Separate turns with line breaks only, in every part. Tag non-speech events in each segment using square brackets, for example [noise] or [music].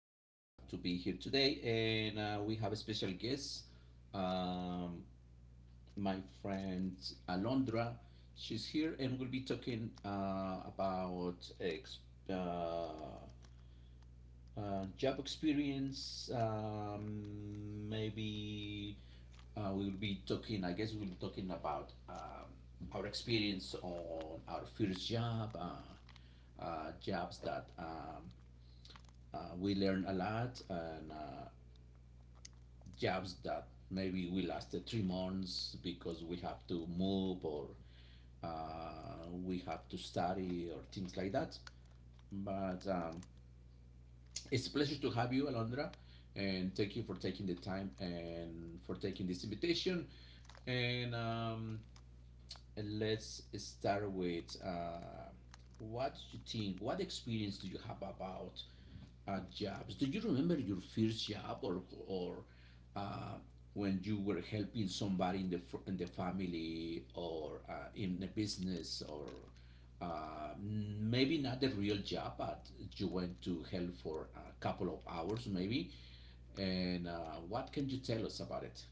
very glad to be here today, and we have a special guest, um, my friend Alondra. She's here and we'll be talking uh, job experience. Maybe we will be talking. I guess we will be talking about our experience on our first job, jobs that we learned a lot, and jobs that maybe we lasted 3 months because we have to move or we have to study or things like that. But It's a pleasure to have you, Alondra, and thank you for taking the time and for taking this invitation. And Let's start with what you think, what experience do you have about jobs? Do you remember your first job or uh, when you were helping somebody in in the family or in a business or maybe not the real job, but you went to help for a couple of hours maybe? And what can you tell us about it?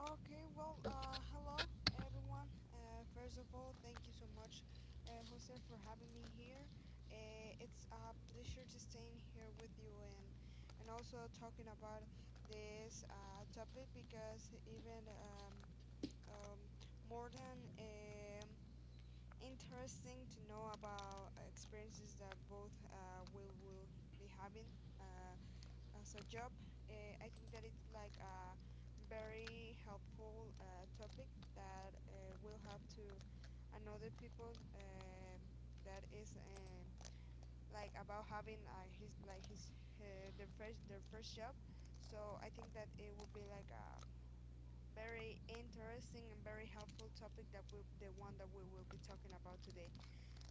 Okay, well, hello everyone. First of all, thank you so much, Jose, for having me here. It's a pleasure to staying here with you and also talking about this topic because even um, more than interesting to know about experiences that both we will be having. Uh, as a job. I think that it's like a very helpful topic that will help to another people that is like about having his like his uh, their first job. So I think that it will be like a very interesting and very helpful topic that we the one that we will be talking about today.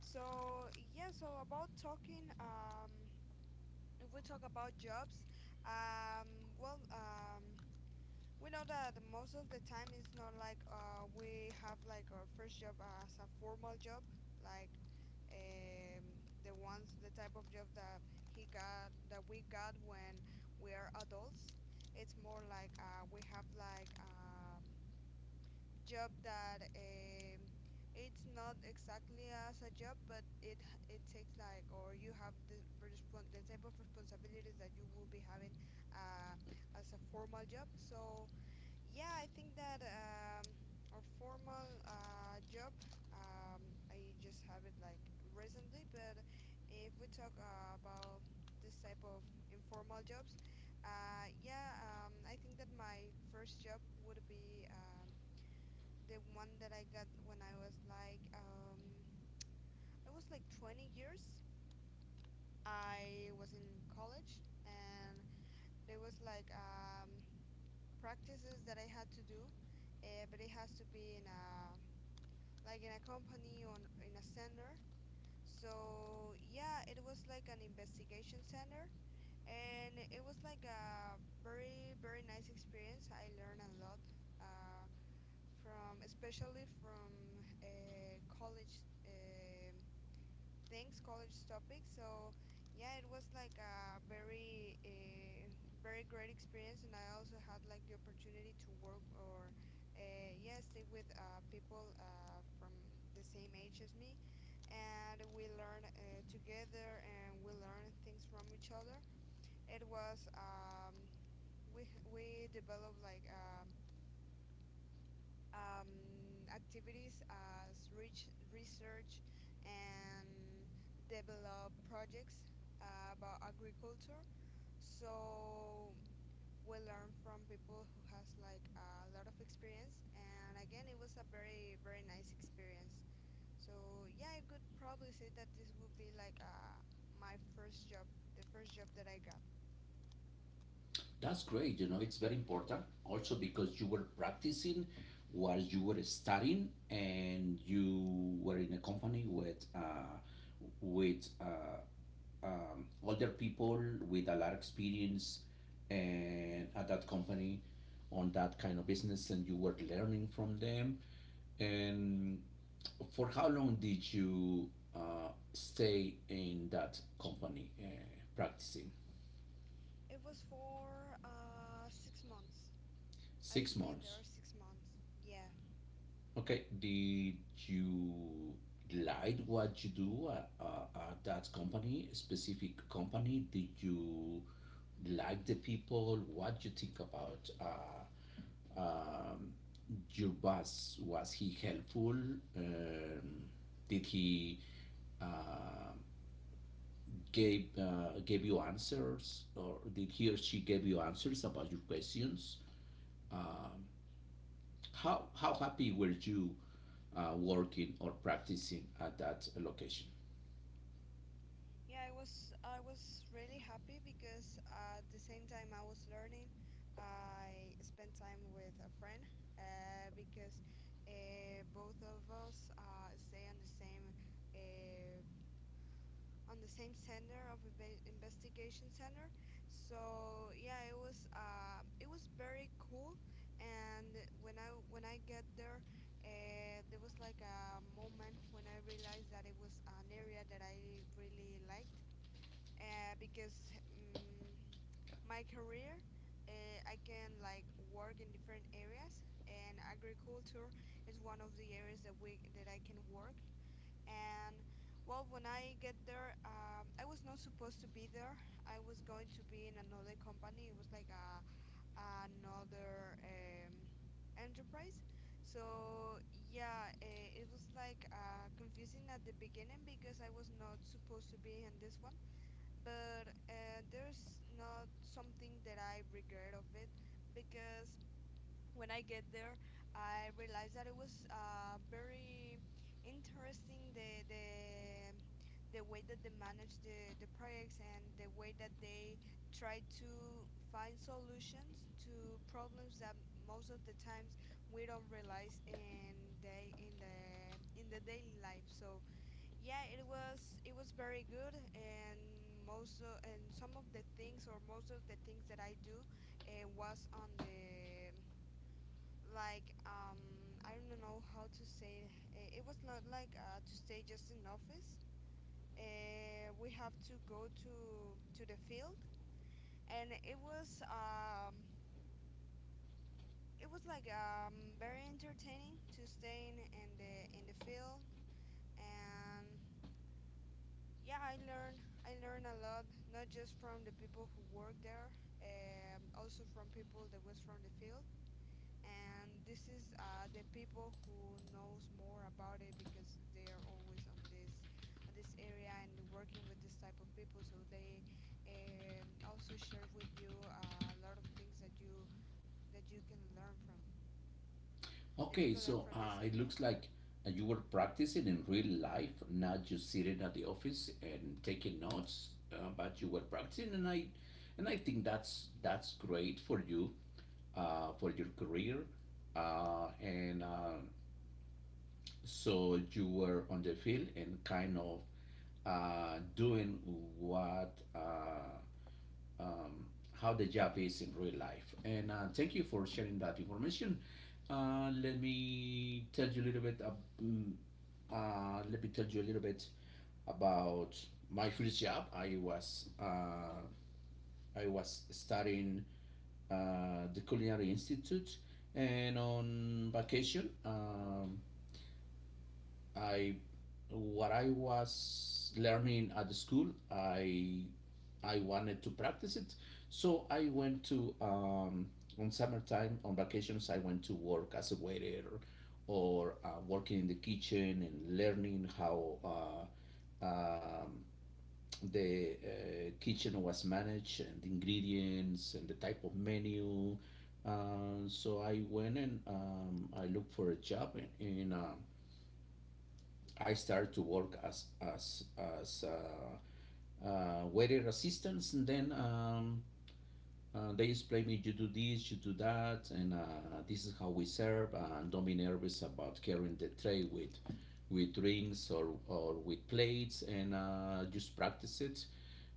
So yeah, so about talking if we talk about jobs, well, we know that most of the time it's not like we have like our first job as a formal job, like um, the type of job that that we got when we are adults. It's more like we have like job that it's not exactly as a job, but it takes like, or you have the respon the type of responsibilities that you will be having uh, as a formal job. So yeah, I think that our formal job um, I just have it like recently, but if we talk about this type of informal jobs, yeah, I think that my first job would be. The one that I got when I was like 20 years. I was in college, and there was like practices that I had to do, but it has to be in a like in a company on in a center. So yeah, it was like an investigation center, and it was like a very very nice experience. I learned a lot. Uh, from especially from college things, college topics. So yeah, it was like a very very great experience, and I also had like the opportunity to work or yeah, stay with people from the same age as me, and we learned together, and we learned things from each other. It was we developed like. Activities as research and develop projects about agriculture. So we learn from people who has like a lot of experience. And again, it was a very very nice experience. So yeah, I could probably say that this would be like my first job, the first job that I got.
That's great. You know, it's very important also because you were practicing while you were studying and you were in a company with with uh, older people with a lot of experience and at that company on that kind of business and you were learning from them. And for how long did you stay in that company practicing?
It was for 6 months. I
Six
stayed
months.
there 6 months. Yeah.
Okay, did you like what you do at that company, specific company? Did you like the people? What you think about um, your boss? Was he helpful? Um, did he uh, gave you answers, or did he or she gave you answers about your questions? How happy were you working or practicing at that location?
Yeah, I was really happy because at the same time I was learning, I spent time with a friend because both of us stay on the same uh, on the same center of investigation center. So yeah, it was very cool. And when I get there, there was like a moment when I realized that it was an area that I really liked because mm my career, I can like work in different areas, and agriculture is one of the areas that we that I can work. And well, when I get there, I was not supposed to be there. I was going to be in another company. It was like a, another enterprise. So yeah, it was like confusing at the beginning because I was not supposed to be in this one, but there's not something that I regret of it, because when I get there, I realized that it was very interesting the way that they manage the projects and the way that they try to find solutions to problems that most of the times we don't realize in the daily life. So yeah, it was very good, and some of the things or most of the things that I do was on the like I don't know how to say it. It was not like to stay just in office. We have to go to the field, and it was like very entertaining to stay in the field. And yeah, I learn a lot, not just from the people who work there, also from people that was from the field. And this is the people who knows more about it because they are always on this area and working with this type of people. So they also share with you a lot of things that you can learn from that you
Okay,
can learn
so
from this
it
area.
looks like you were practicing in real life, not just sitting at the office and taking notes, but you were practicing, and and I think that's great for you, for your career, and so you were on the field and kind of doing what how the job is in real life. And thank you for sharing that information. Let me tell you a little bit. Ab- mm, let me tell you a little bit about my first job. I was studying the Culinary Institute, and on vacation. I what I was learning at the school, I wanted to practice it. So I went to on summertime on vacations. I went to work as a waiter or working in the kitchen and learning how. The kitchen was managed and the ingredients and the type of menu. So I went and I looked for a job in I started to work as waiter assistants, and then they explained me you do this, you do that, and this is how we serve. And don't be nervous about carrying the tray with drinks or with plates, and just practice it.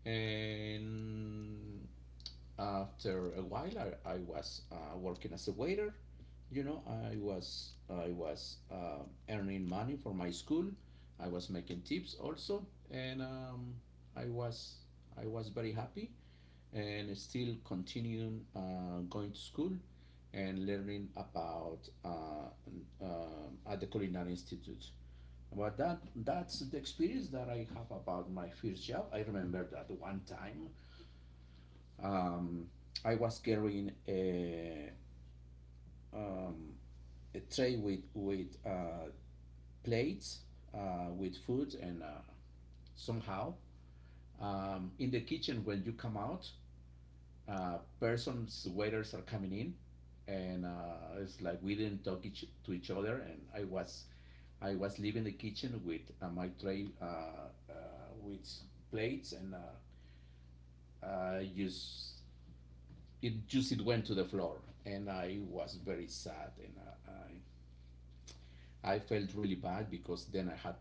And after a while I was working as a waiter. You know, I was earning money for my school. I was making tips also, and I was I was very happy and still continuing going to school and learning about uh, at the culinary institute, but that that's the experience that I have about my first job. I remember that one time, um, I was carrying um, a tray with plates with food and somehow in the kitchen, when you come out, persons waiters are coming in, and it's like we didn't talk to each other, and I was leaving the kitchen with my tray with plates, and I just it went to the floor. And I was very sad, and I, I felt really bad because then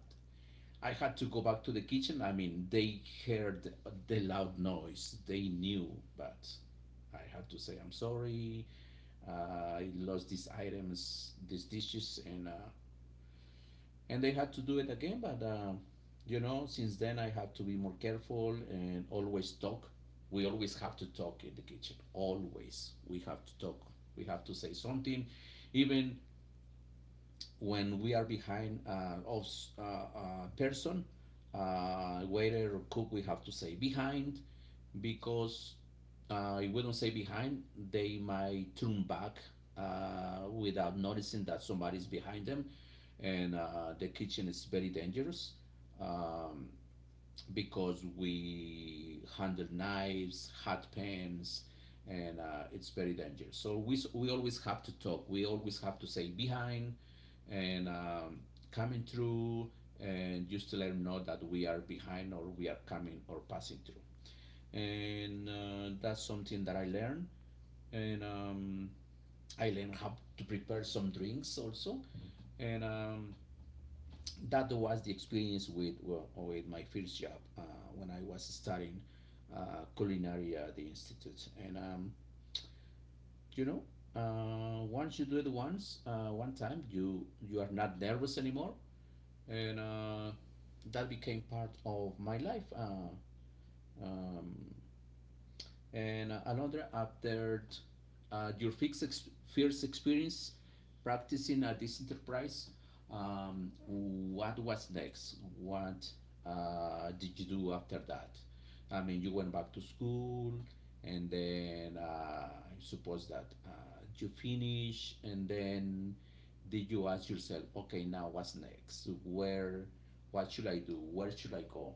I had to go back to the kitchen. I mean, they heard the loud noise, they knew, but I had to say I'm sorry, I lost these items, these dishes, and they had to do it again. But you know, since then I have to be more careful and always talk. We always have to talk in the kitchen. Always, we have to talk. We have to say something, even when we are behind of a person, waiter or cook. We have to say behind because I wouldn't say behind, they might turn back without noticing that somebody's behind them. And the kitchen is very dangerous, um, because we handle knives, hot pans, and it's very dangerous. So we always have to talk. We always have to say behind and coming through and just to let them know that we are behind or we are coming or passing through. And that's something that I learned. And I learned how to prepare some drinks also, and that was the experience with well, with my first job when I was studying culinary at the institute. And you know, once you do it once, one time, you are not nervous anymore, and that became part of my life. Um, and another after your fixed ex- first experience practicing at this enterprise, what was next, what did you do after that? I mean, you went back to school, and then I suppose that you finish and then did you ask yourself okay, now what's next, where what should I do, where should I go,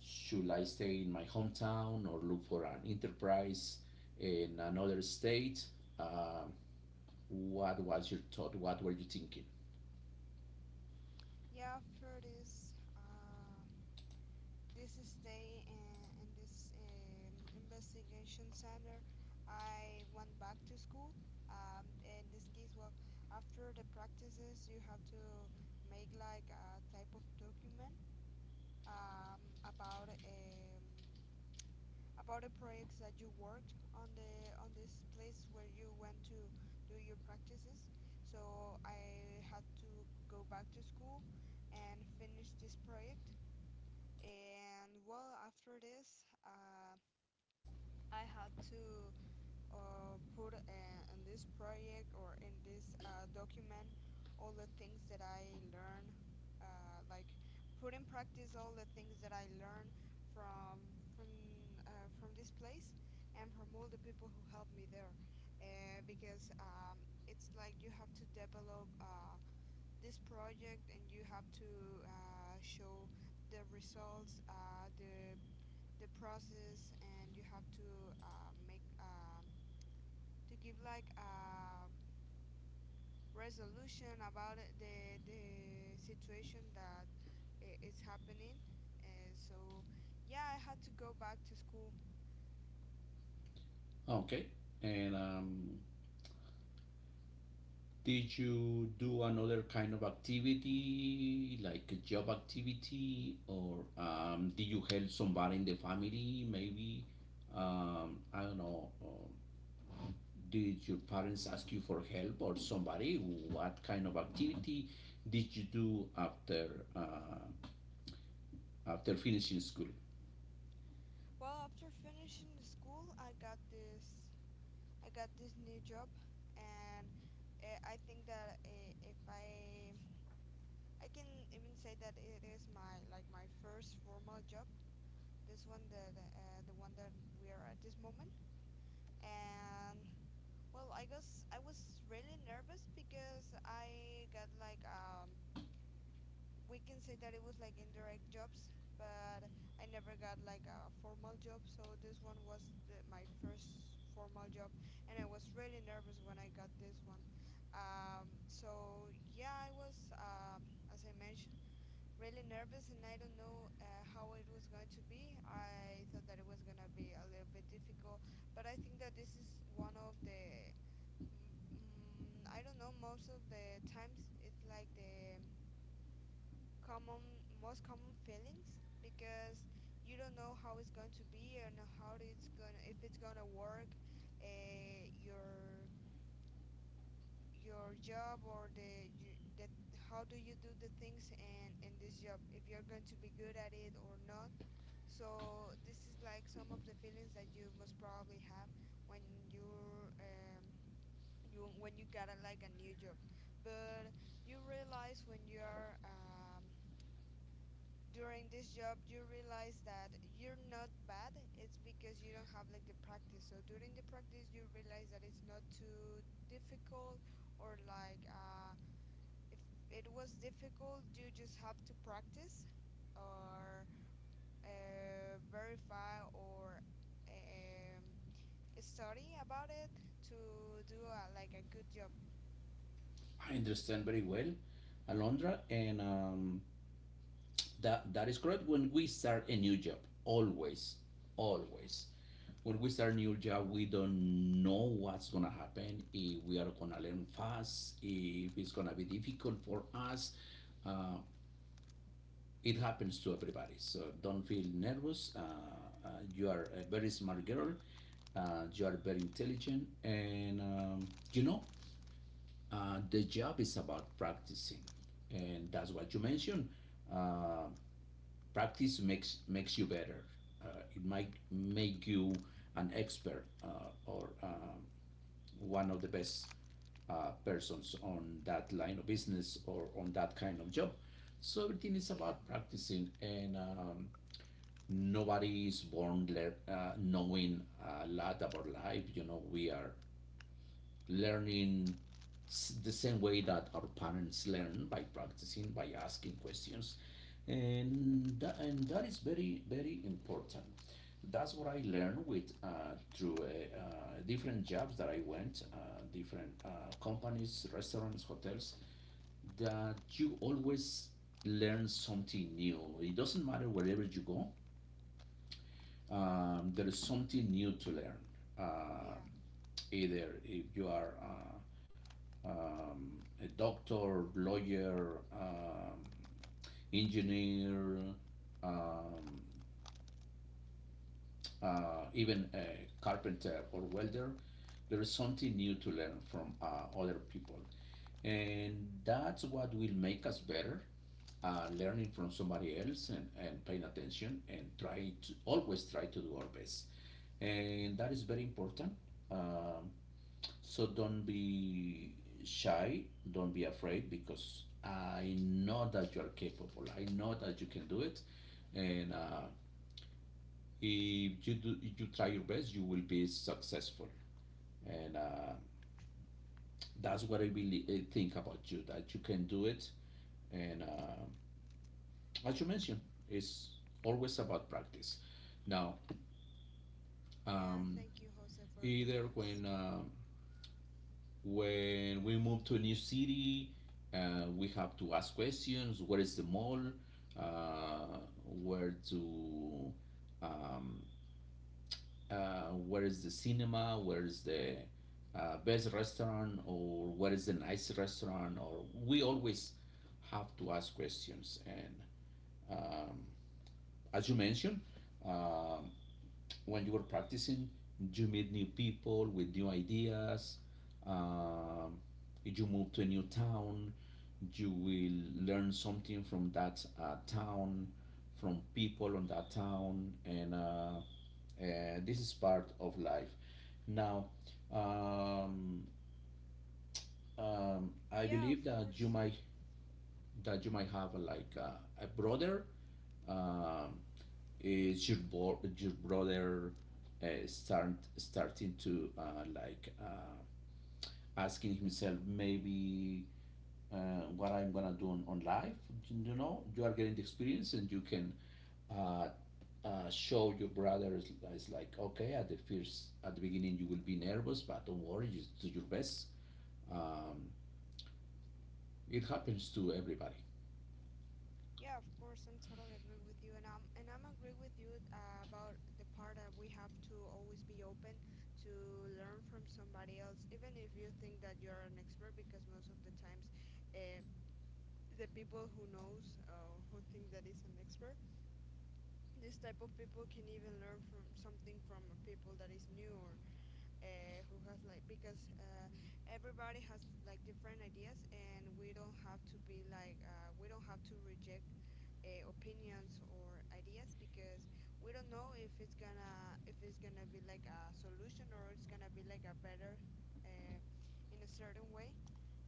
should I stay in my hometown or look for an enterprise in another state? Um, what was your thought? What were you thinking?
Yeah, after this. This stay in this investigation center, I went back to school. In this case, well, after the practices, you have to make like a type of document um, about um, about the projects that you worked on the on this place where you went to do your practices. So I had to go back to school and finish this project. And well, after this, I had to put in this project or in this document all the things that I learned, like put in practice all the things that I learned from from from this place and from all the people who helped me there, because it's like you have to develop this project, and you have to show the results, the process, and you have to make to give like a resolution about it, the situation that is happening. And so yeah, I had to go back to school.
Okay, and did you do another kind of activity, like a job activity, or did you help somebody in the family? Maybe I don't know. Did your parents ask you for help or somebody? What kind of activity did you do after uh, after finishing school?
Well, after finishing the school, I got this new job. And I think that, eh, if I I can even say that it is my like my first formal job. This one that the one that we are at this moment. And well, I guess I was really nervous because I got like we can say that it was like indirect jobs, but I never got like a formal job, so this one was my first formal job, and I was really nervous when I got this one. So yeah, I was as I mentioned, really nervous, and I don't know how it was going to be. I thought that it was going to be a little bit difficult, but I think that this is one of the I don't know. Most of the times, it's like the common, most common feelings because you don't know how it's going to be, and how it's gonna, if it's gonna work, uh, your your job or the how do you do the things in this job, if you're going to be good at it or not. So this is like some of the feelings that you most probably have when you're you when you got a, like a new job. But you realize when you're during this job, you realize that you're not bad. It's because you don't have like the practice, so during the practice you realize that it's not too difficult, or like, if it was difficult, you just have to practice, or verify or um, study about it to do a, like a good job.
I understand very well, Alondra, and that that is correct. When we start a new job, always, always, when we start a new job, we don't know what's gonna happen. If we are gonna learn fast, if it's gonna be difficult for us, uh, it happens to everybody. So don't feel nervous. Uh, you are a very smart girl. You are very intelligent, and you know the job is about practicing, and that's what you mentioned. Uh, Practice makes you better. It might make you an expert or one of the best persons on that line of business or on that kind of job. So everything is
Yeah.
about practicing, and nobody is born lear knowing a lot about life. You know, we are learning the same way that our parents learn by practicing, by asking questions, and and that is very very important. That's what I learned with through different jobs that I went, different companies, restaurants, hotels. That you always learn something new. It doesn't matter wherever you go, there is something new to learn. Um,
Yeah.
Either if you are um, a doctor, lawyer, engineer, um, even a carpenter or welder, there is something new to learn from other people. And that's what will make us better learning from somebody else and paying attention and trying to always try to do our best. And that is very important. Um, so don't be shy, don't be afraid, because I know that you are capable. I know that you can do it. And if you do, if you try your best, you will be successful. And that's what I really think about you, that you can do it. And as you mentioned, it's always about practice. Now,
Yeah,
um,
thank you, Jose, for your
either
words.
when we move to a new city, we have to ask questions. Where is the mall? Uh, where to? Um, where is the cinema? Where is the best restaurant? Or where is the nice restaurant? Or we always have to ask questions. And um, as you mentioned, um, when you were practicing, you meet new people with new ideas. Um, if you move to a new town, you will learn something from that town, from people on that town, and this is part of life. Now, um, I
Yeah, of
believe
course.
that you might have like a brother. um, your brother starting to, like, asking himself, maybe, what I'm gonna do on life? You know, you are getting the experience and you can uh, show your brother is like, okay, at the first at the beginning you will be nervous, but don't worry, just do your best. Um, it happens to everybody.
Yeah, of course. I'm totally agree with you, and I'm agree with you about the part that we have to always be open to learn from somebody else, even if you think that you're an expert, because most of the times, uh, the people who knows who think that is an expert, this type of people can even learn from something from people that is new or who has like, because everybody has like different ideas, and we don't have to be like, we don't have to reject opinions or ideas, because we don't know if it's gonna, if it's gonna be like a solution, or it's gonna be like a better uh, in a certain way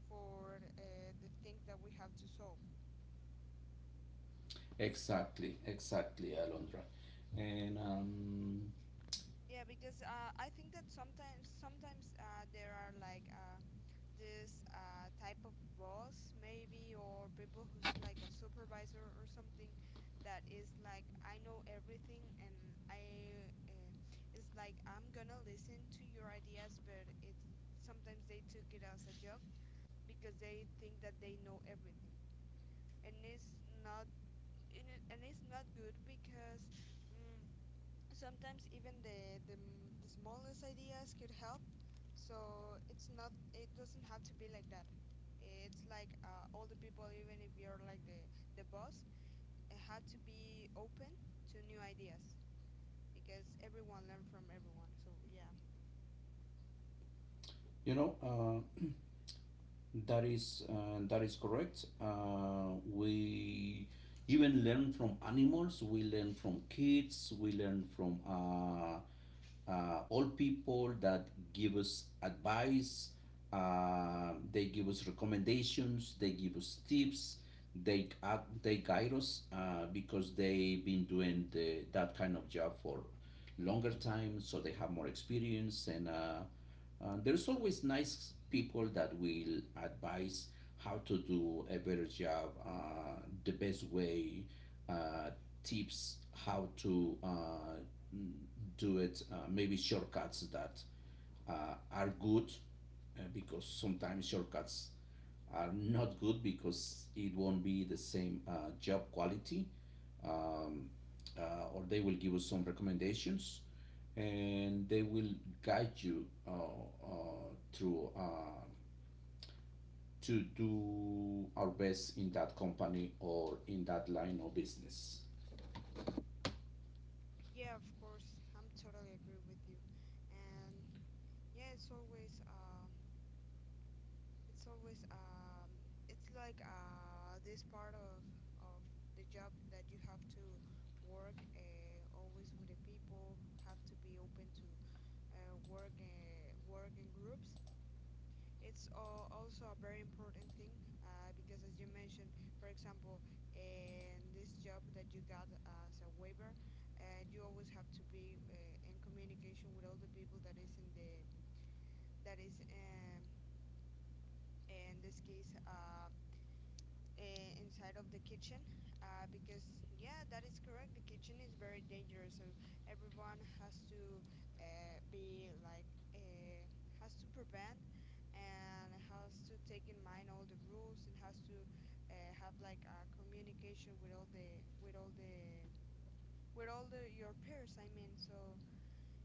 for the thing that we have to solve.
Exactly, exactly, Alondra, and
Yeah, because I think that sometimes there are like this type of boss maybe, or people who's like a supervisor or something that is like I know everything, and I it's like I'm gonna listen to your ideas, but it's sometimes they took it as a joke because they think that they know everything, and it's not, and and it's not good because mm, sometimes even the smallest ideas could help. So it's not, it doesn't have to be like that. It's like all the people, even if you're like the boss, it had to be open to new ideas, because everyone learn from everyone. So yeah.
you know. That is that is correct. We even learn from animals. We learn from kids. We learn from old people that give us advice. They give us recommendations. They give us tips. They guide us, because they've been doing that kind of job for longer time, so they have more experience and. There's always nice people that will advise how to do a better job, the best way, uh, tips how to, do it, maybe shortcuts that are good, because sometimes shortcuts are not good because it won't be the same job quality. um, or they will give us some recommendations and they will guide you through, to do our best in that company or in that line of business.
Yeah, of course, I'm totally agree with you. And yeah, it's always, it's always, um, it's like this part of the job that you have to work always with the people who have to be open to work in groups. It's also a very important thing, because, as you mentioned, for example, in this job that you got as a waiver, you always have to be in communication with all the people that is in the that is in this case. Inside of the kitchen, because, yeah, that is correct, the kitchen is very dangerous, and everyone has to be like uh, has to prevent, and has to take in mind all the rules, and has to have like a communication with with all the all the your peers, I mean. So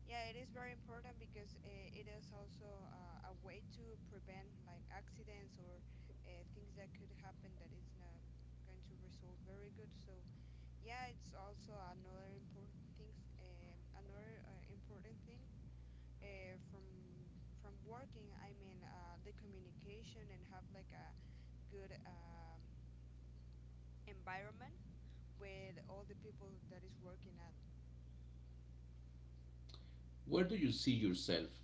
yeah, it is very important, because it is also a way to prevent like accidents or things that could happen that it's not going to result very good. So yeah, it's also another important thing. Another important thing uh, from from working. I mean, the communication and have like a good environment with all the people that is working at.
Where do you see yourself?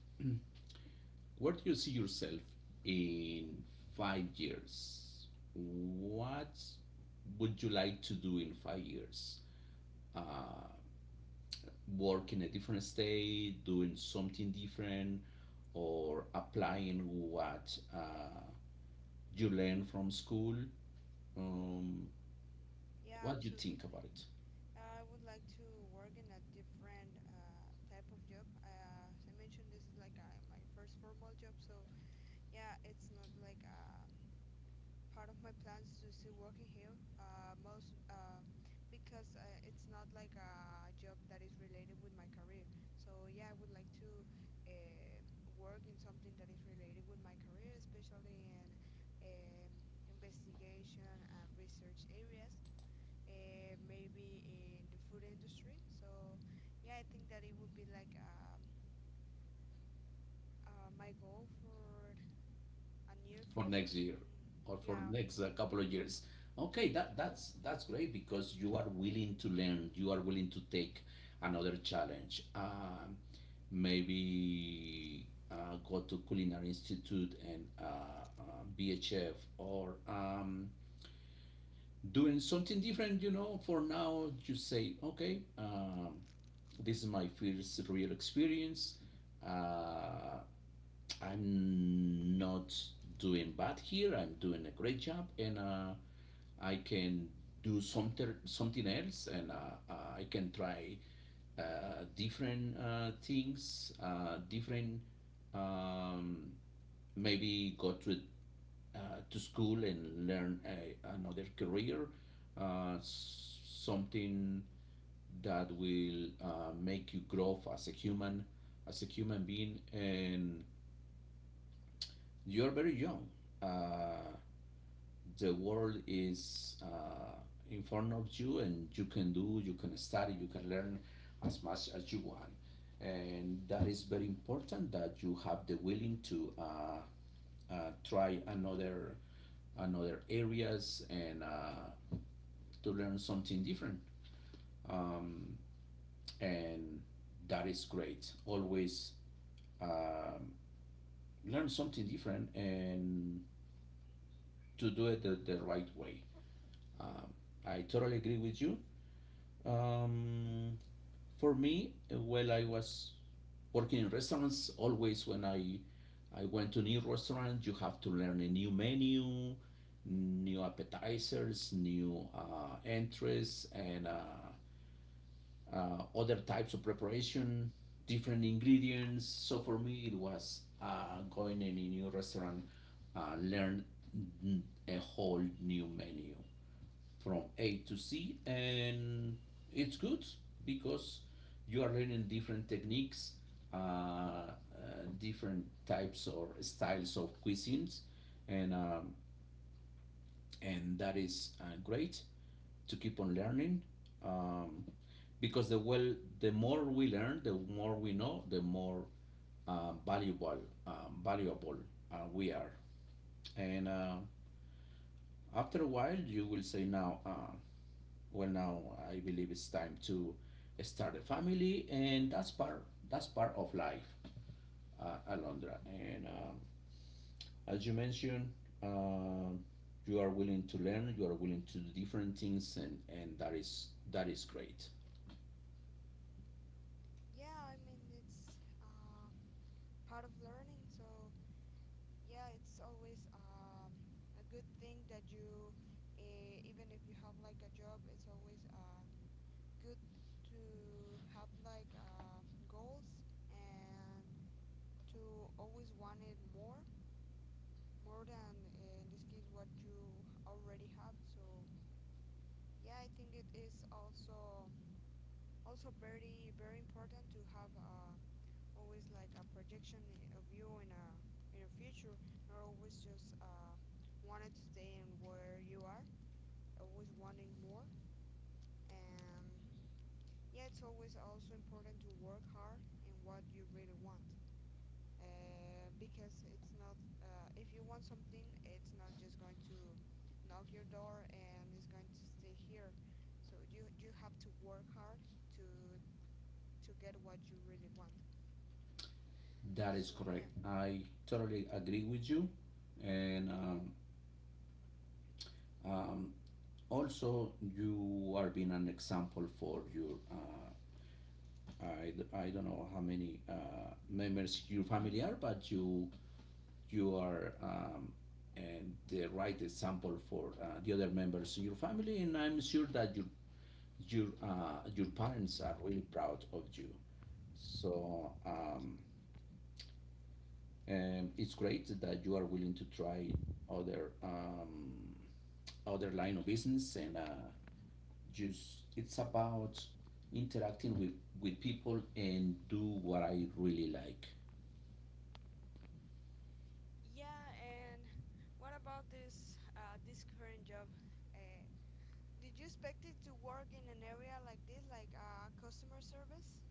[clears throat] Where do you see yourself in 5 years? What would you like to do in 5 years? Uh, work in a different state, doing something different, or applying what you learned from school? Um,
Yeah,
what do you think
absolutely.
about it
I would like to work in a different type of job. As I mentioned, this is like my first formal job, so yeah, it's not like part of my plans to still working here. Most Because it's not like a job that is related with my career. So yeah, I would like to um work in something that is related with my career, especially in um, investigation and research areas, maybe in the food industry. So, yeah, I think that it would be like my goal for a near
for next
future.
year
Mm,
or for
yeah,
next couple of years? Okay, that's great because you are willing to learn. You are willing to take another challenge. Maybe go to culinary institute and be a chef, or, doing something different. You know, for now you say, okay, this is my first real experience. Uh, I'm not doing bad here. I'm doing a great job, and I can do something else, and uh, I can try different things, different. Um, maybe go to, uh, to school and learn a, another career, uh, something that will make you grow as a human being, and you are very young. Uh, the world is in front of you, and you can do, you can study, you can learn as much as you want. And that is very important that you have the willing to, try another areas and, to learn something different. And that is great. Always, um, learn something different and to do it the right way. Um, I totally agree with you. Um, for me, well, I was working in restaurants. Always when I went to new restaurant, you have to learn a new menu, new appetizers, new entries, and other types of preparation, different ingredients. So for me, it was going in a new restaurant, learn, mm, a whole new menu from A to C, and it's good because you are learning different techniques, different types or styles of cuisines, and, and that is great to keep on learning. Um, because the well, the more we learn, the more we know, the more valuable, valuable we are. And after a while, you will say, now, well, now I believe it's time to start a family, and that's part of life, Alondra, and, as you mentioned, um, you are willing to learn, you are willing to do different things, and that is great.
yeah, I mean, it's part of learning. So, yeah, it's always a good thing that you, even if you have like a job, it's always good to have like goals, and to always want it more than in this case what you already have. So yeah, I think it is also very very important to have always like a projection of you in a future, not always just wanted to stay in where you are, always wanting more. And yeah, it's always also important to work hard in what you really want. Because it's not if you want something, it's not just going to knock your door and it's going to stay here. So you have to work hard, to get what you really want.
That is
So
correct.
yeah,
I totally agree with you, and, um, also you are being an example for your, I, I don't know how many members your family are, but you are, and the right example for the other members in your family, and I'm sure that your parents are really proud of you. So,
thank you.
and it's great that you are willing to try other, other line of business, and, just it's about interacting with people and do what I really like.
Yeah, and what about this current job? uh, did you expect it to work in an area like this, like customer service?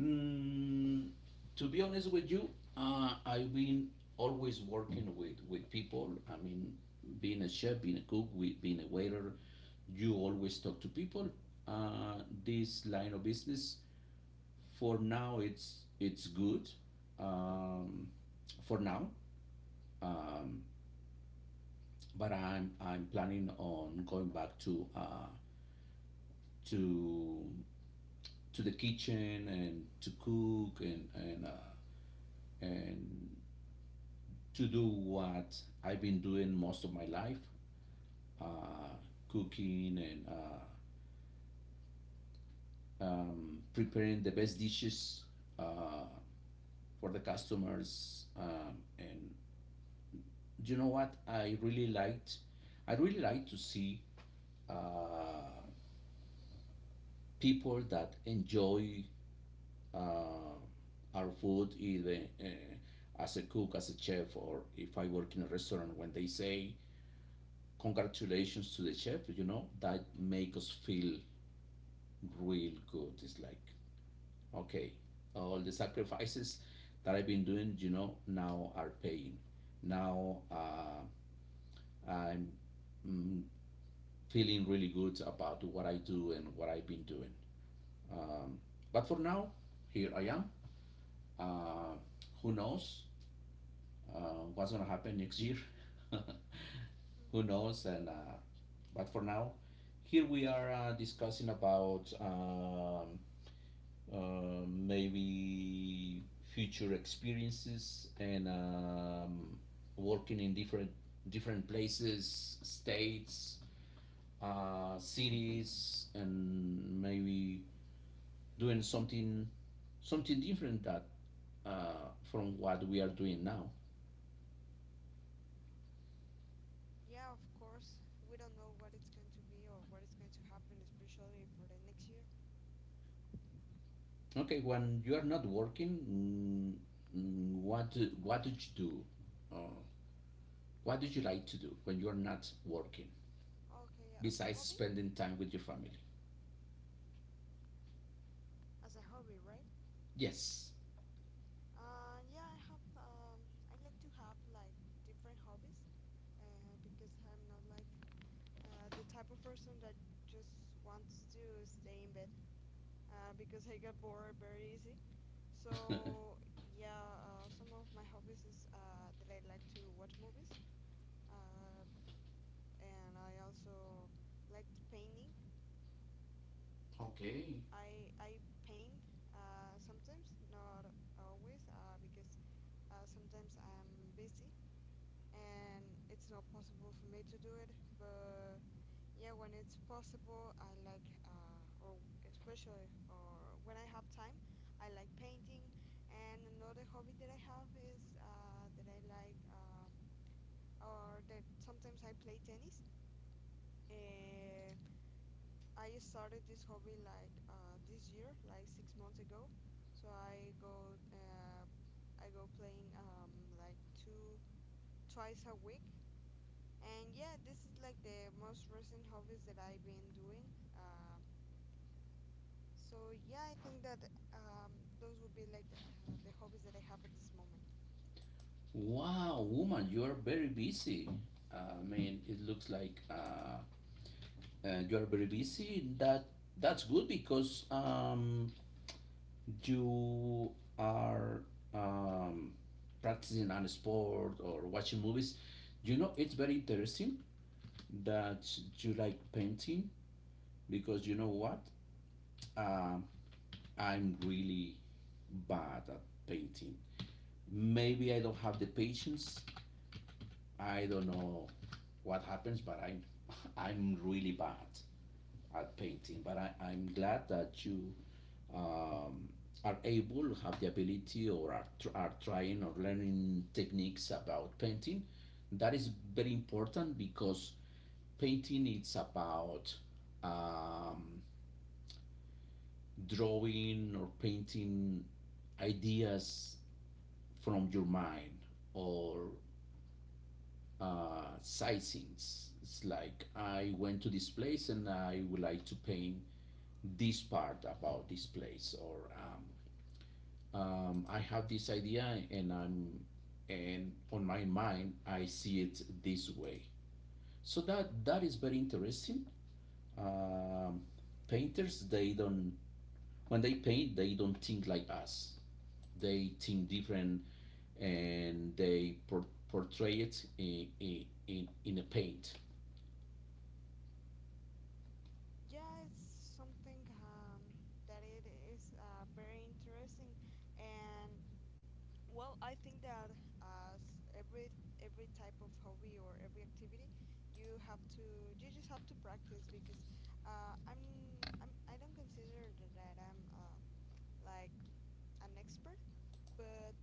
Mm, to be honest with you, I've been always working with people. I mean, being a chef, being a cook, being a waiter, you always talk to people. Uh, this line of business, for now, it's good. Um, for now, um, but I'm planning on going back to, to to the kitchen and to cook, and and to do what I've been doing most of my life, uh, cooking, and, preparing the best dishes uh, for the customers. And you know what? I really like to see uh, people that enjoy uh, our food, either as a cook, as a chef, or if I work in a restaurant, when they say, congratulations to the chef, you know, that make us feel real good. It's like, okay, all the sacrifices that I've been doing, you know, now are paying. Now, I'm, mm, feeling really good about what I do and what I've been doing. Um, but for now, here I am. Uh, who knows uh, what's going to happen next year? [laughs]
Hmm.
Who knows? And, but for now, here we are discussing about, maybe future experiences and, working in different places, states, cities, and maybe doing something different that from what we are doing now.
Yeah, of course. We don't know what it's going to be or what is going to happen, especially for the next year.
Okay, when you are not working, what what did you do? Uh, what do you like to do when you are not working,
Okay, yeah,
besides spending time with your family?
as a hobby, right?
Yes.
Yeah, I have. I like to have like different hobbies, because I'm not like the type of person that just wants to stay in bed, because I get bored very easy.
[laughs]
So yeah, some of my hobbies is that I like to watch movies, uh, and I also liked painting.
Okay.
I paint sometimes, not always, because sometimes I'm busy and it's not possible for me to do it, but yeah, when it's possible, I like, or especially, or when I have time, I like painting. And another hobby that I have is that I like, or that sometimes I play tennis. Uh, I started this hobby like this year, like 6 months ago. So I go playing, like two twice a week. And yeah, this is like the most recent hobbies that I've been doing. Um, so yeah, I think that um, those would be like the hobbies that I have at this moment.
Wow, woman, you are very busy. I mean, it looks like you are very busy. That that's good because, you are, um, practicing on a sport or watching movies. You know, it's very interesting that you like painting, because you know what? Um, I'm really bad at painting. Maybe I don't have the patience, I don't know what happens, but I'm, [laughs] I'm really bad at painting. But I'm glad that you, um, are able, to have the ability, or are, are trying or learning techniques about painting. That is very important because painting it's about, um, drawing or painting ideas from your mind, or sightseeings. It's like I went to this place and I would like to paint this part about this place, or, I have this idea, and I'm and on my mind I see it this way. So that is very interesting. Um, painters, they don't, when they paint they don't think like us. They think different, and they portray it in a paint.
Yeah, it's something that it is very interesting, and well, I think that every every type of hobby or every activity, you just have to practice. Because uh, I'm I don't consider that I'm like an expert, but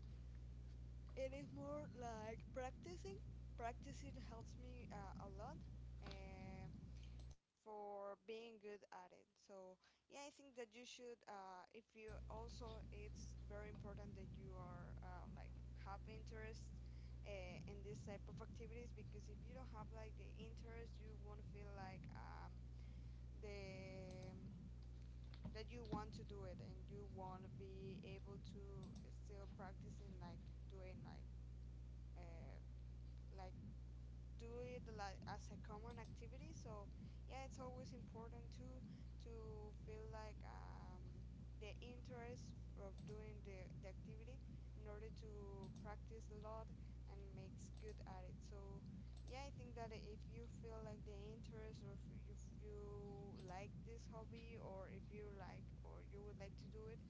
it is more like practicing. Practicing helps me a lot, uh, for being good at it. So yeah, I think that you should. If you also, it's very important that you are like have interest in this type of activities, because if you don't have like the interest, you won't feel like the that you want to do it, and you won't be able to still practicing like doing uh, like do it like as a common activity. So yeah, it's always important to feel like the interest of doing the activity, in order to practice a lot and makes good at it. So yeah, I think that if you feel like the interest, or if you like this hobby, or if you like, or you would like to do it,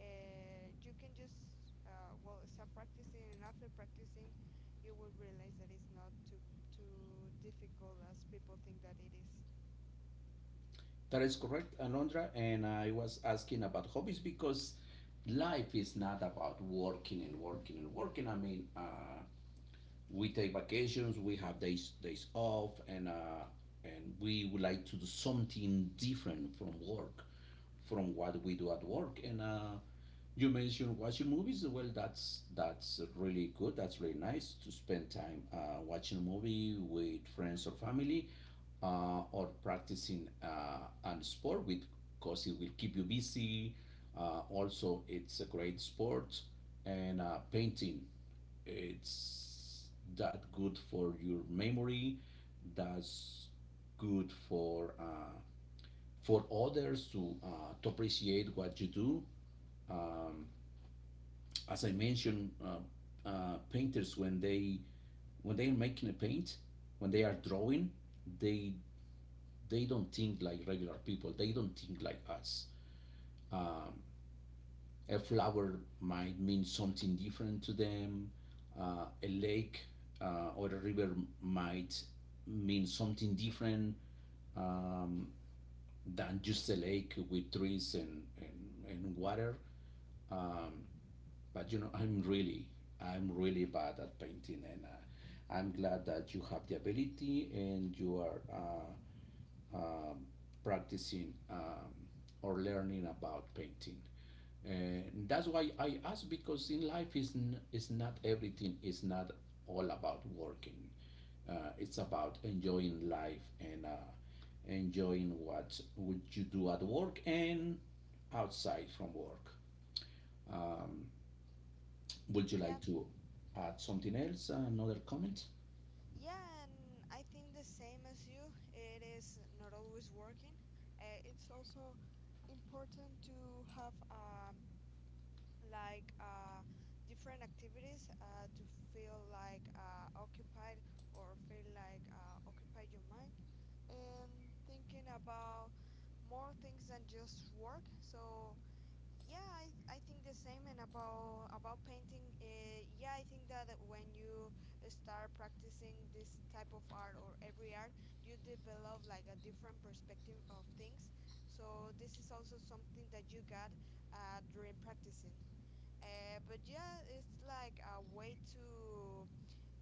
you can just well start practicing, and after practicing you will realize that it's not too difficult as people think that it is.
That is correct, Alondra. And I was asking about hobbies because life is not about working and working and working. I mean, we take vacations, we have days off, and, and we would like to do something different from work, from what we do at work. And, you mentioned watching movies. Well, that's really good. That's really nice to spend time watching a movie with friends or family, or practicing an sport with, because it will keep you busy. Also, it's a great sport, and, painting, it's that good for your memory, that's good for, for others to, to appreciate what you do. As I mentioned, painters, when they, when they are making a paint, when they are drawing, they they don't think like regular people, they don't think like us. A flower might mean something different to them. A lake, or a river, might mean something different, um, than just a lake with trees and water. But you know, I'm really bad at painting, and, I'm glad that you have the ability and you are, practicing, or learning about painting. And that's why I ask, because in life is is not everything, is not all about working. It's about enjoying life and, enjoying what would you do at work and outside from work. Would you
Yeah,
like to add something else? Another comment?
yeah, and I think the same as you. It is not always working. It's also important to have like different activities, to feel like occupied, or feel like occupy your mind, and thinking about more things than just work. So yeah, I think the same. And about painting, yeah, I think that when you start practicing this type of art or every art, you develop like a different perspective of things. So this is also something that you got during practicing. But yeah, it's like a way to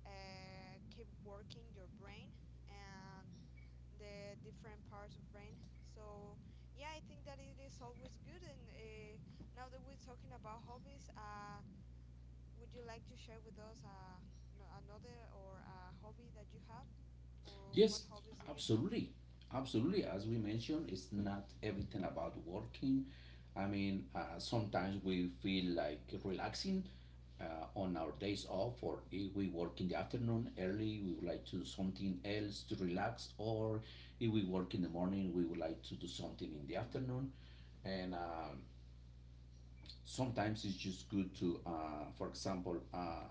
keep working your brain, and the different parts of brain. So yeah, I think that it is always good. And now that we're talking about hobbies, would you like to share with us, no, another, or a hobby that you have, or what
Yes,
hobbies do you have?
absolutely. Absolutely. As we mentioned, it's not everything about working. I mean, sometimes we feel like relaxing on our days off, or if we work in the afternoon early, we would like to do something else to relax, or if we work in the morning, we would like to do something in the afternoon. And Sometimes it's just good to, for example,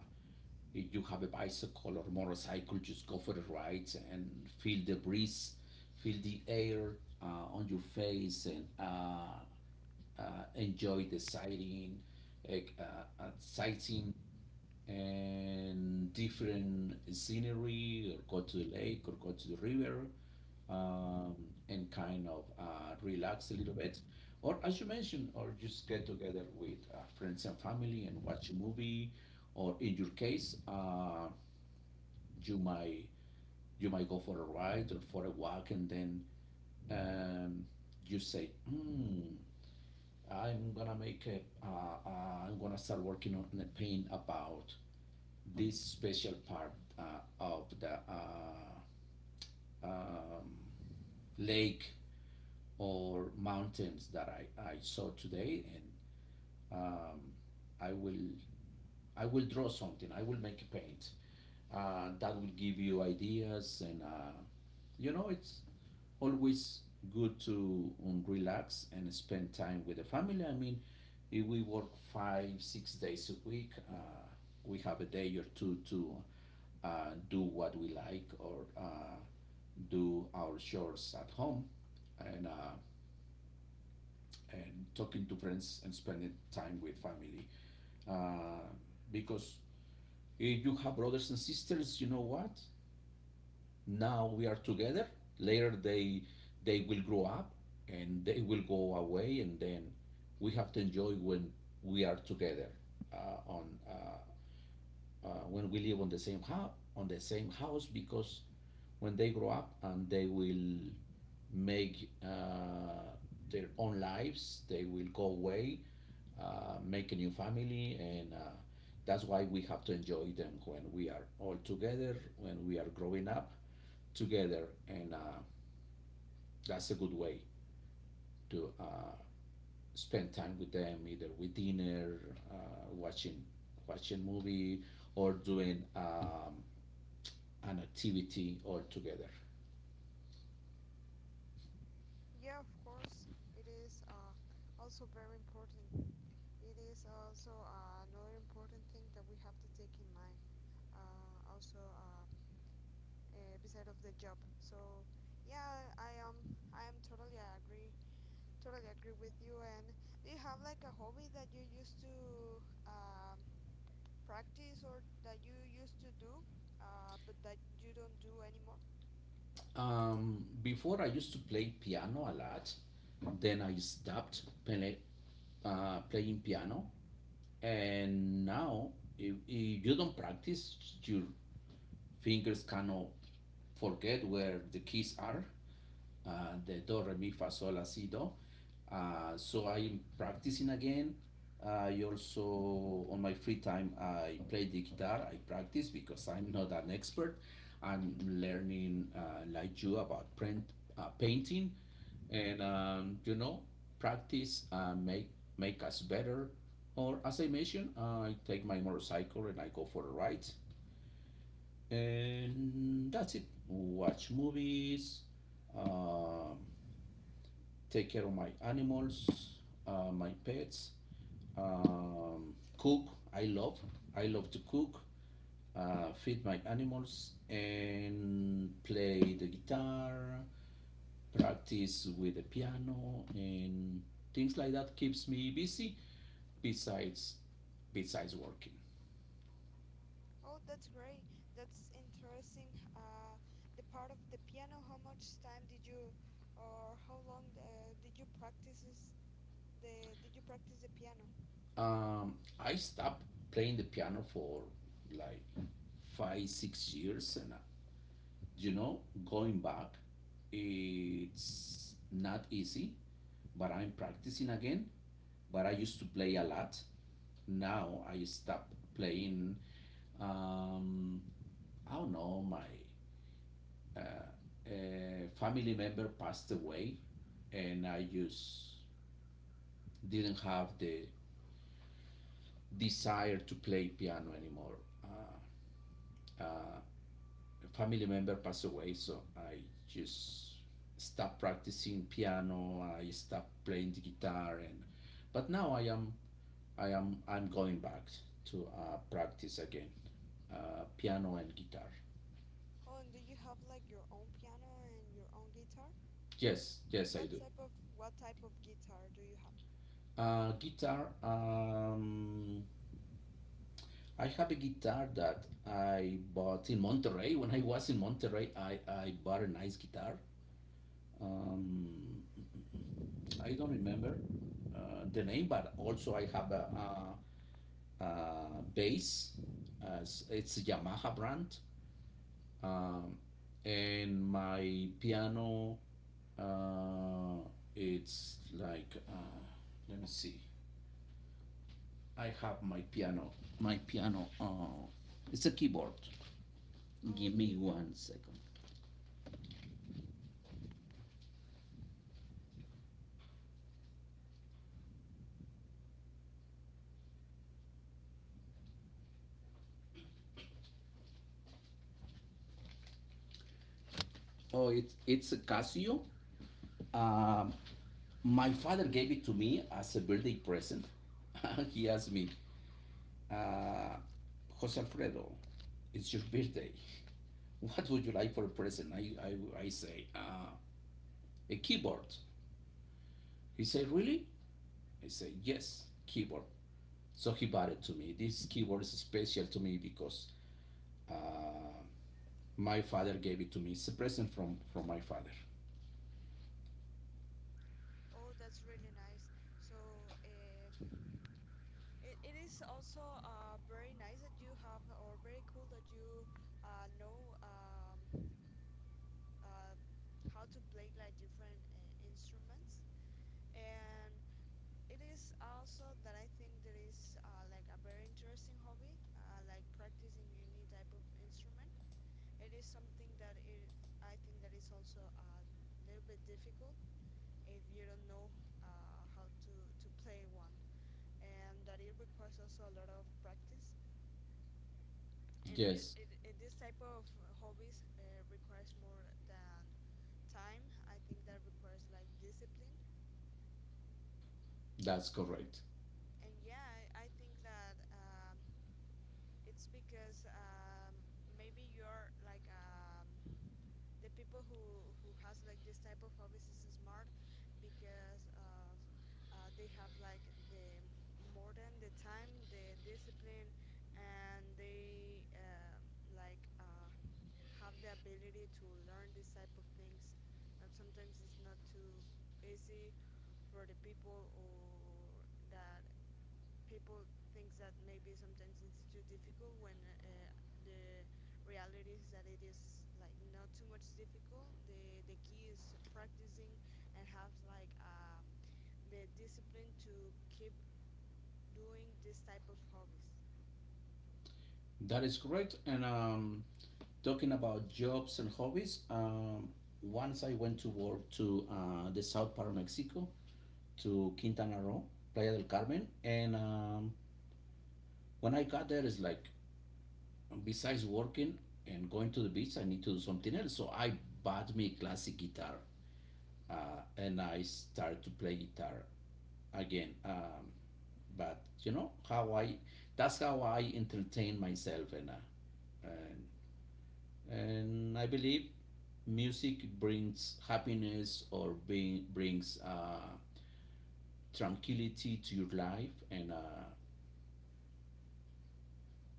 if you have a bicycle or motorcycle, just go for a ride and feel the breeze, feel the air on your face, and uh, enjoy the sighting, like, sightseeing and different scenery, or go to the lake or go to the river, um, and kind of relax a little bit. Or as you mentioned, or just get together with friends and family and watch a movie. Or in your case, you might you might go for a ride or for a walk, and then, um, you say, hmm, I'm gonna make a, I'm gonna start working on a paint about this special part uh, of the um, lake or mountains that I saw today, and um, I will I will draw something. I will make a paint that will give you ideas. And uh, it's always good to relax and spend time with the family. I mean, if we work five, 6 days a week, we have a day or two to do what we like, or do our chores at home, and uh, and talking to friends and spending time with family. Uh, because if you have brothers and sisters, you know what? Now we are together, later they will grow up and they will go away, and then we have to enjoy when we are together, uh, on when we live on the same house, on the same house because when they grow up and they will make their own lives, they will go away, make a new family, and that's why we have to enjoy them when we are all together, when we are growing up together, and that's a good way to spend time with them, either with dinner, watching watching movie, or doing an activity all together.
Yeah, of course, it is also very important. It is also another important thing that we have to take in mind. Also, beside of the job. So yeah, I am totally agree. Totally agree with you. And do you have like a hobby that you used to um, practice, or that you used to do, but that you don't do anymore?
Before, I used to play piano a lot, then I stopped play, playing piano, and now if you don't practice, your fingers cannot forget where the keys are, the do re mi fa sol la si do. So I'm practicing again. I also on my free time I play the guitar. I practice because I'm not an expert. I'm learning like you about print, painting, and um, practice make make us better. Or as I mentioned, I take my motorcycle and I go for a ride, and that's it. Watch movies. Um, Take care of my animals, my pets, cook. I love, I love to cook, feed my animals, and play the guitar, practice with the piano, and things like that keeps me busy. Besides, besides working,
Oh, that's great. That's interesting. The part of the piano, how much time did you, or how long did you practice is- the did you practice the piano?
um, I stopped playing the piano for like five, 6 years, and uh, you know going back it's not easy, but I'm practicing again. But I used to play a lot. Now I stopped playing. um I don't know, my uh, family member passed away, and I just didn't have the desire to play piano anymore. uh, Family member passed away, so I just stopped practicing piano. I stopped playing the guitar, and but now I am I'm going back to practice again, piano and guitar.
Oh, and do you have like your own piano and your own guitar?
Yes, yes, I
What
do.
type of what type of guitar do you have?
Guitar. I have a guitar that I bought in Monterrey. When I was in Monterrey, I bought a nice guitar. Um, I don't remember the name, but also I have a, bass. As it's a Yamaha brand, um, and my piano. Uh, it's like let me see. I have my piano. My piano. It's a keyboard. Give me
Okay, okay.
one second. Oh, it's a Casio. Um, my father gave it to me as a birthday present. [laughs] He asked me, uh, Jose Alfredo, it's your birthday. What would you like for a present? I say, a keyboard. He said, really? I say, yes, keyboard. So he bought it to me. This keyboard is special to me because uh, my father gave it to me. It's a present from my father.
Oh, that's really nice. So, eh, it is also very nice that you have, or very cool that you know, uh, how to play like different instruments. And it is also that I think there is like a very interesting hobby, like practicing any type of instrument. It is something that is, I think that is also a little bit difficult if you don't know how to, play one. And that it requires also a lot of practice. And it,
Yes,
it, it this type of hobbies requires more than time. I think that requires like discipline.
that's
And,
correct.
and yeah, I think that it's because maybe you're like the people who has like this type of hobbies is smart, because of they have like the more than the time, the discipline, and they like have the ability to learn this type of things. And sometimes it's not too easy for the people, or that people think that maybe sometimes it's too difficult, when uh, the reality is that it is like not too much difficult. The key is practicing, and have like the discipline to keep doing this type of hobbies.
That is correct. And talking about jobs and hobbies, once I went to work to the south part of Mexico, to Quintana Roo, Playa del Carmen, and when I got there, it's like, besides working and going to the beach, I need to do something else. So I bought me classic guitar uh, and I started to play guitar again. But you know how that's how I entertain myself, and, and and I believe music brings happiness, or being, brings tranquility to your life. And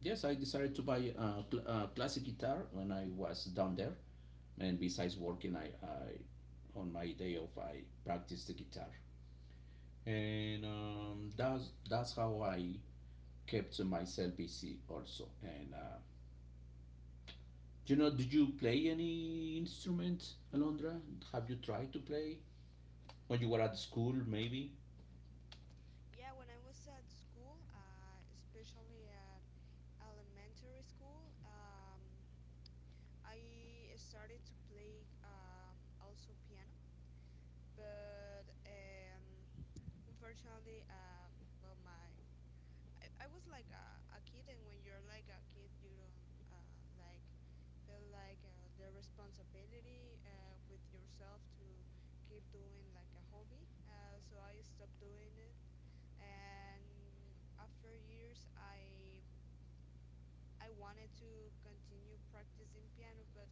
yes, I decided to buy a classic guitar when I was down there. And besides working, I on my day off I practice the guitar, and um, that's how I kept myself busy also. And you know, did you play any instrument, Alondra? Have you tried to play when you were at school, maybe?
Yeah, when I was at school, especially at elementary school, I started to play, also piano, but unfortunately, well, my I was like a kid, and when you're like a kid, you don't like feel like the responsibility with yourself to keep doing like a hobby. So I stopped doing it, and after years, I wanted to continue practicing piano, but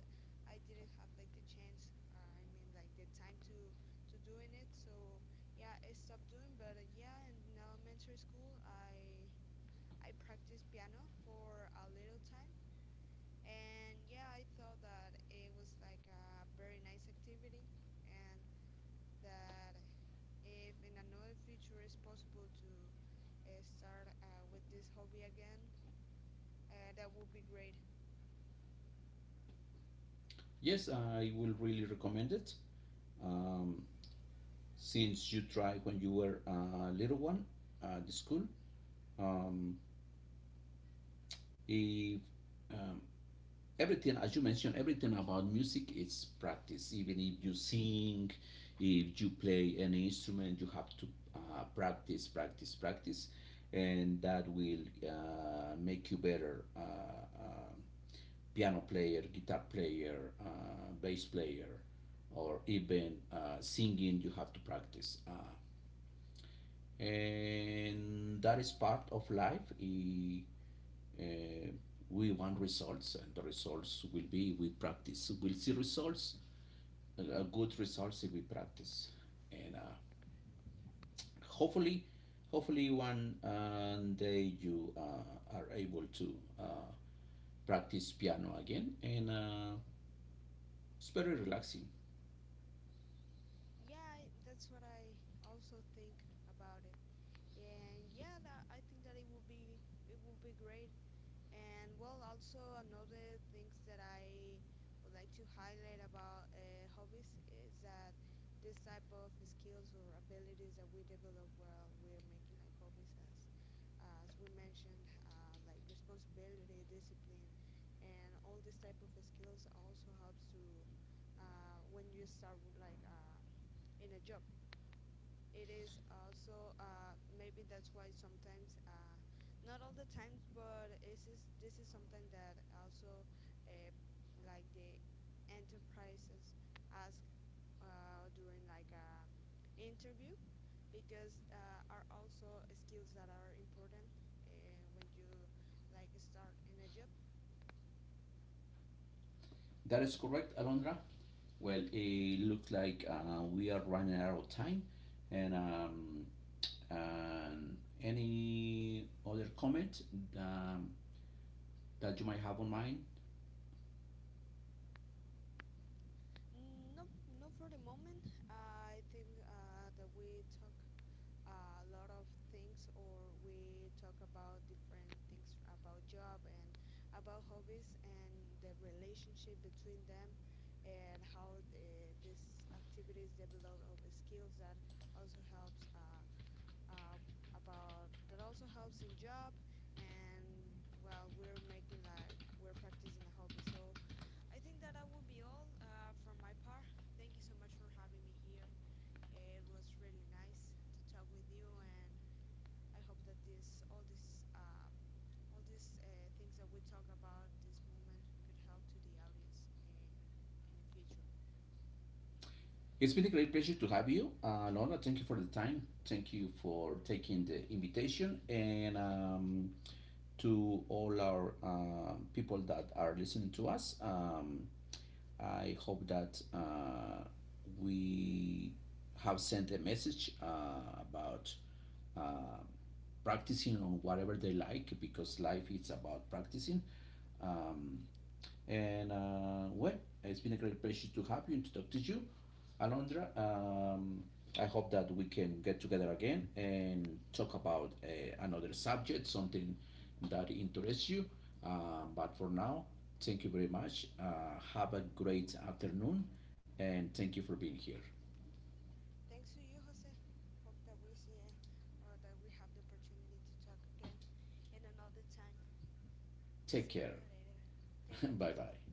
I didn't have like the chance. I mean, like the time to doing it. So yeah, I stopped doing. But yeah, in elementary school, I practiced piano for a little time, and yeah, I thought that it was like a very nice activity, and that if in another future it's possible to start with this hobby again, that would be great.
Yes, I will really recommend it. um, since you tried when you were a little one at the school, um, if um, everything, as you mentioned, everything about music is practice. Even if you sing, if you play any instrument, you have to practice, practice, practice, and that will make you better, um piano player, guitar player, bass player, or even singing, you have to practice, and that is part of life. It uh, we want results, and the results will be we practice. We'll see results, good results if we practice, and hopefully, hopefully one day you are able to uh, practice piano again, and it's very relaxing.
Yeah, that's what I also think about it. And yeah, I think that it would be great. And well, also another things that I would like to highlight about hobbies is that this type of skills or abilities that we develop while we're making like hobbies, as we mentioned, like responsibility, discipline, and all these type of skills also helps to, when you start like in a job, it is also, maybe that's why sometimes, not all the times, but this is something that also, uh, like the enterprises ask during like a interview, because are also skills that are important when you like start in a job.
That is correct, Alondra. Well, it looks like we are running out of time, and um, and any other comment um, that you might have on mind.
No, not for the moment. I think that we talk a lot of things, or we talk about different things about job and about hobbies, and the relationship between them, and how these activities develop of the skills that also helps, uh, about that also helps in job, and while we're making like we're practicing a hobby. So I think that that will be all from my part. Thank you so much for having me here. It was really nice to talk with you, and I hope that this all this, all these things that we talk about this moment could help to the audience in the future.
It's been a great pleasure to have you. Lorna, thank you for the time. Thank you for taking the invitation. And to all our people that are listening to us, I hope that we have sent a message about uh, practicing on whatever they like because life is about practicing. Um, And uh, well, it's been a great pleasure to have you and to talk to you, Alondra. I hope that we can get together again and talk about another subject, something that interests you. But for now, thank you very much. Have a great afternoon, and thank you for being here.
Thanks to you, Jose. Hope that we see, or that we have the opportunity to talk again in another time.
Take
See you
care.
later.
[laughs]
Thank you,
Bye bye.
Joshua.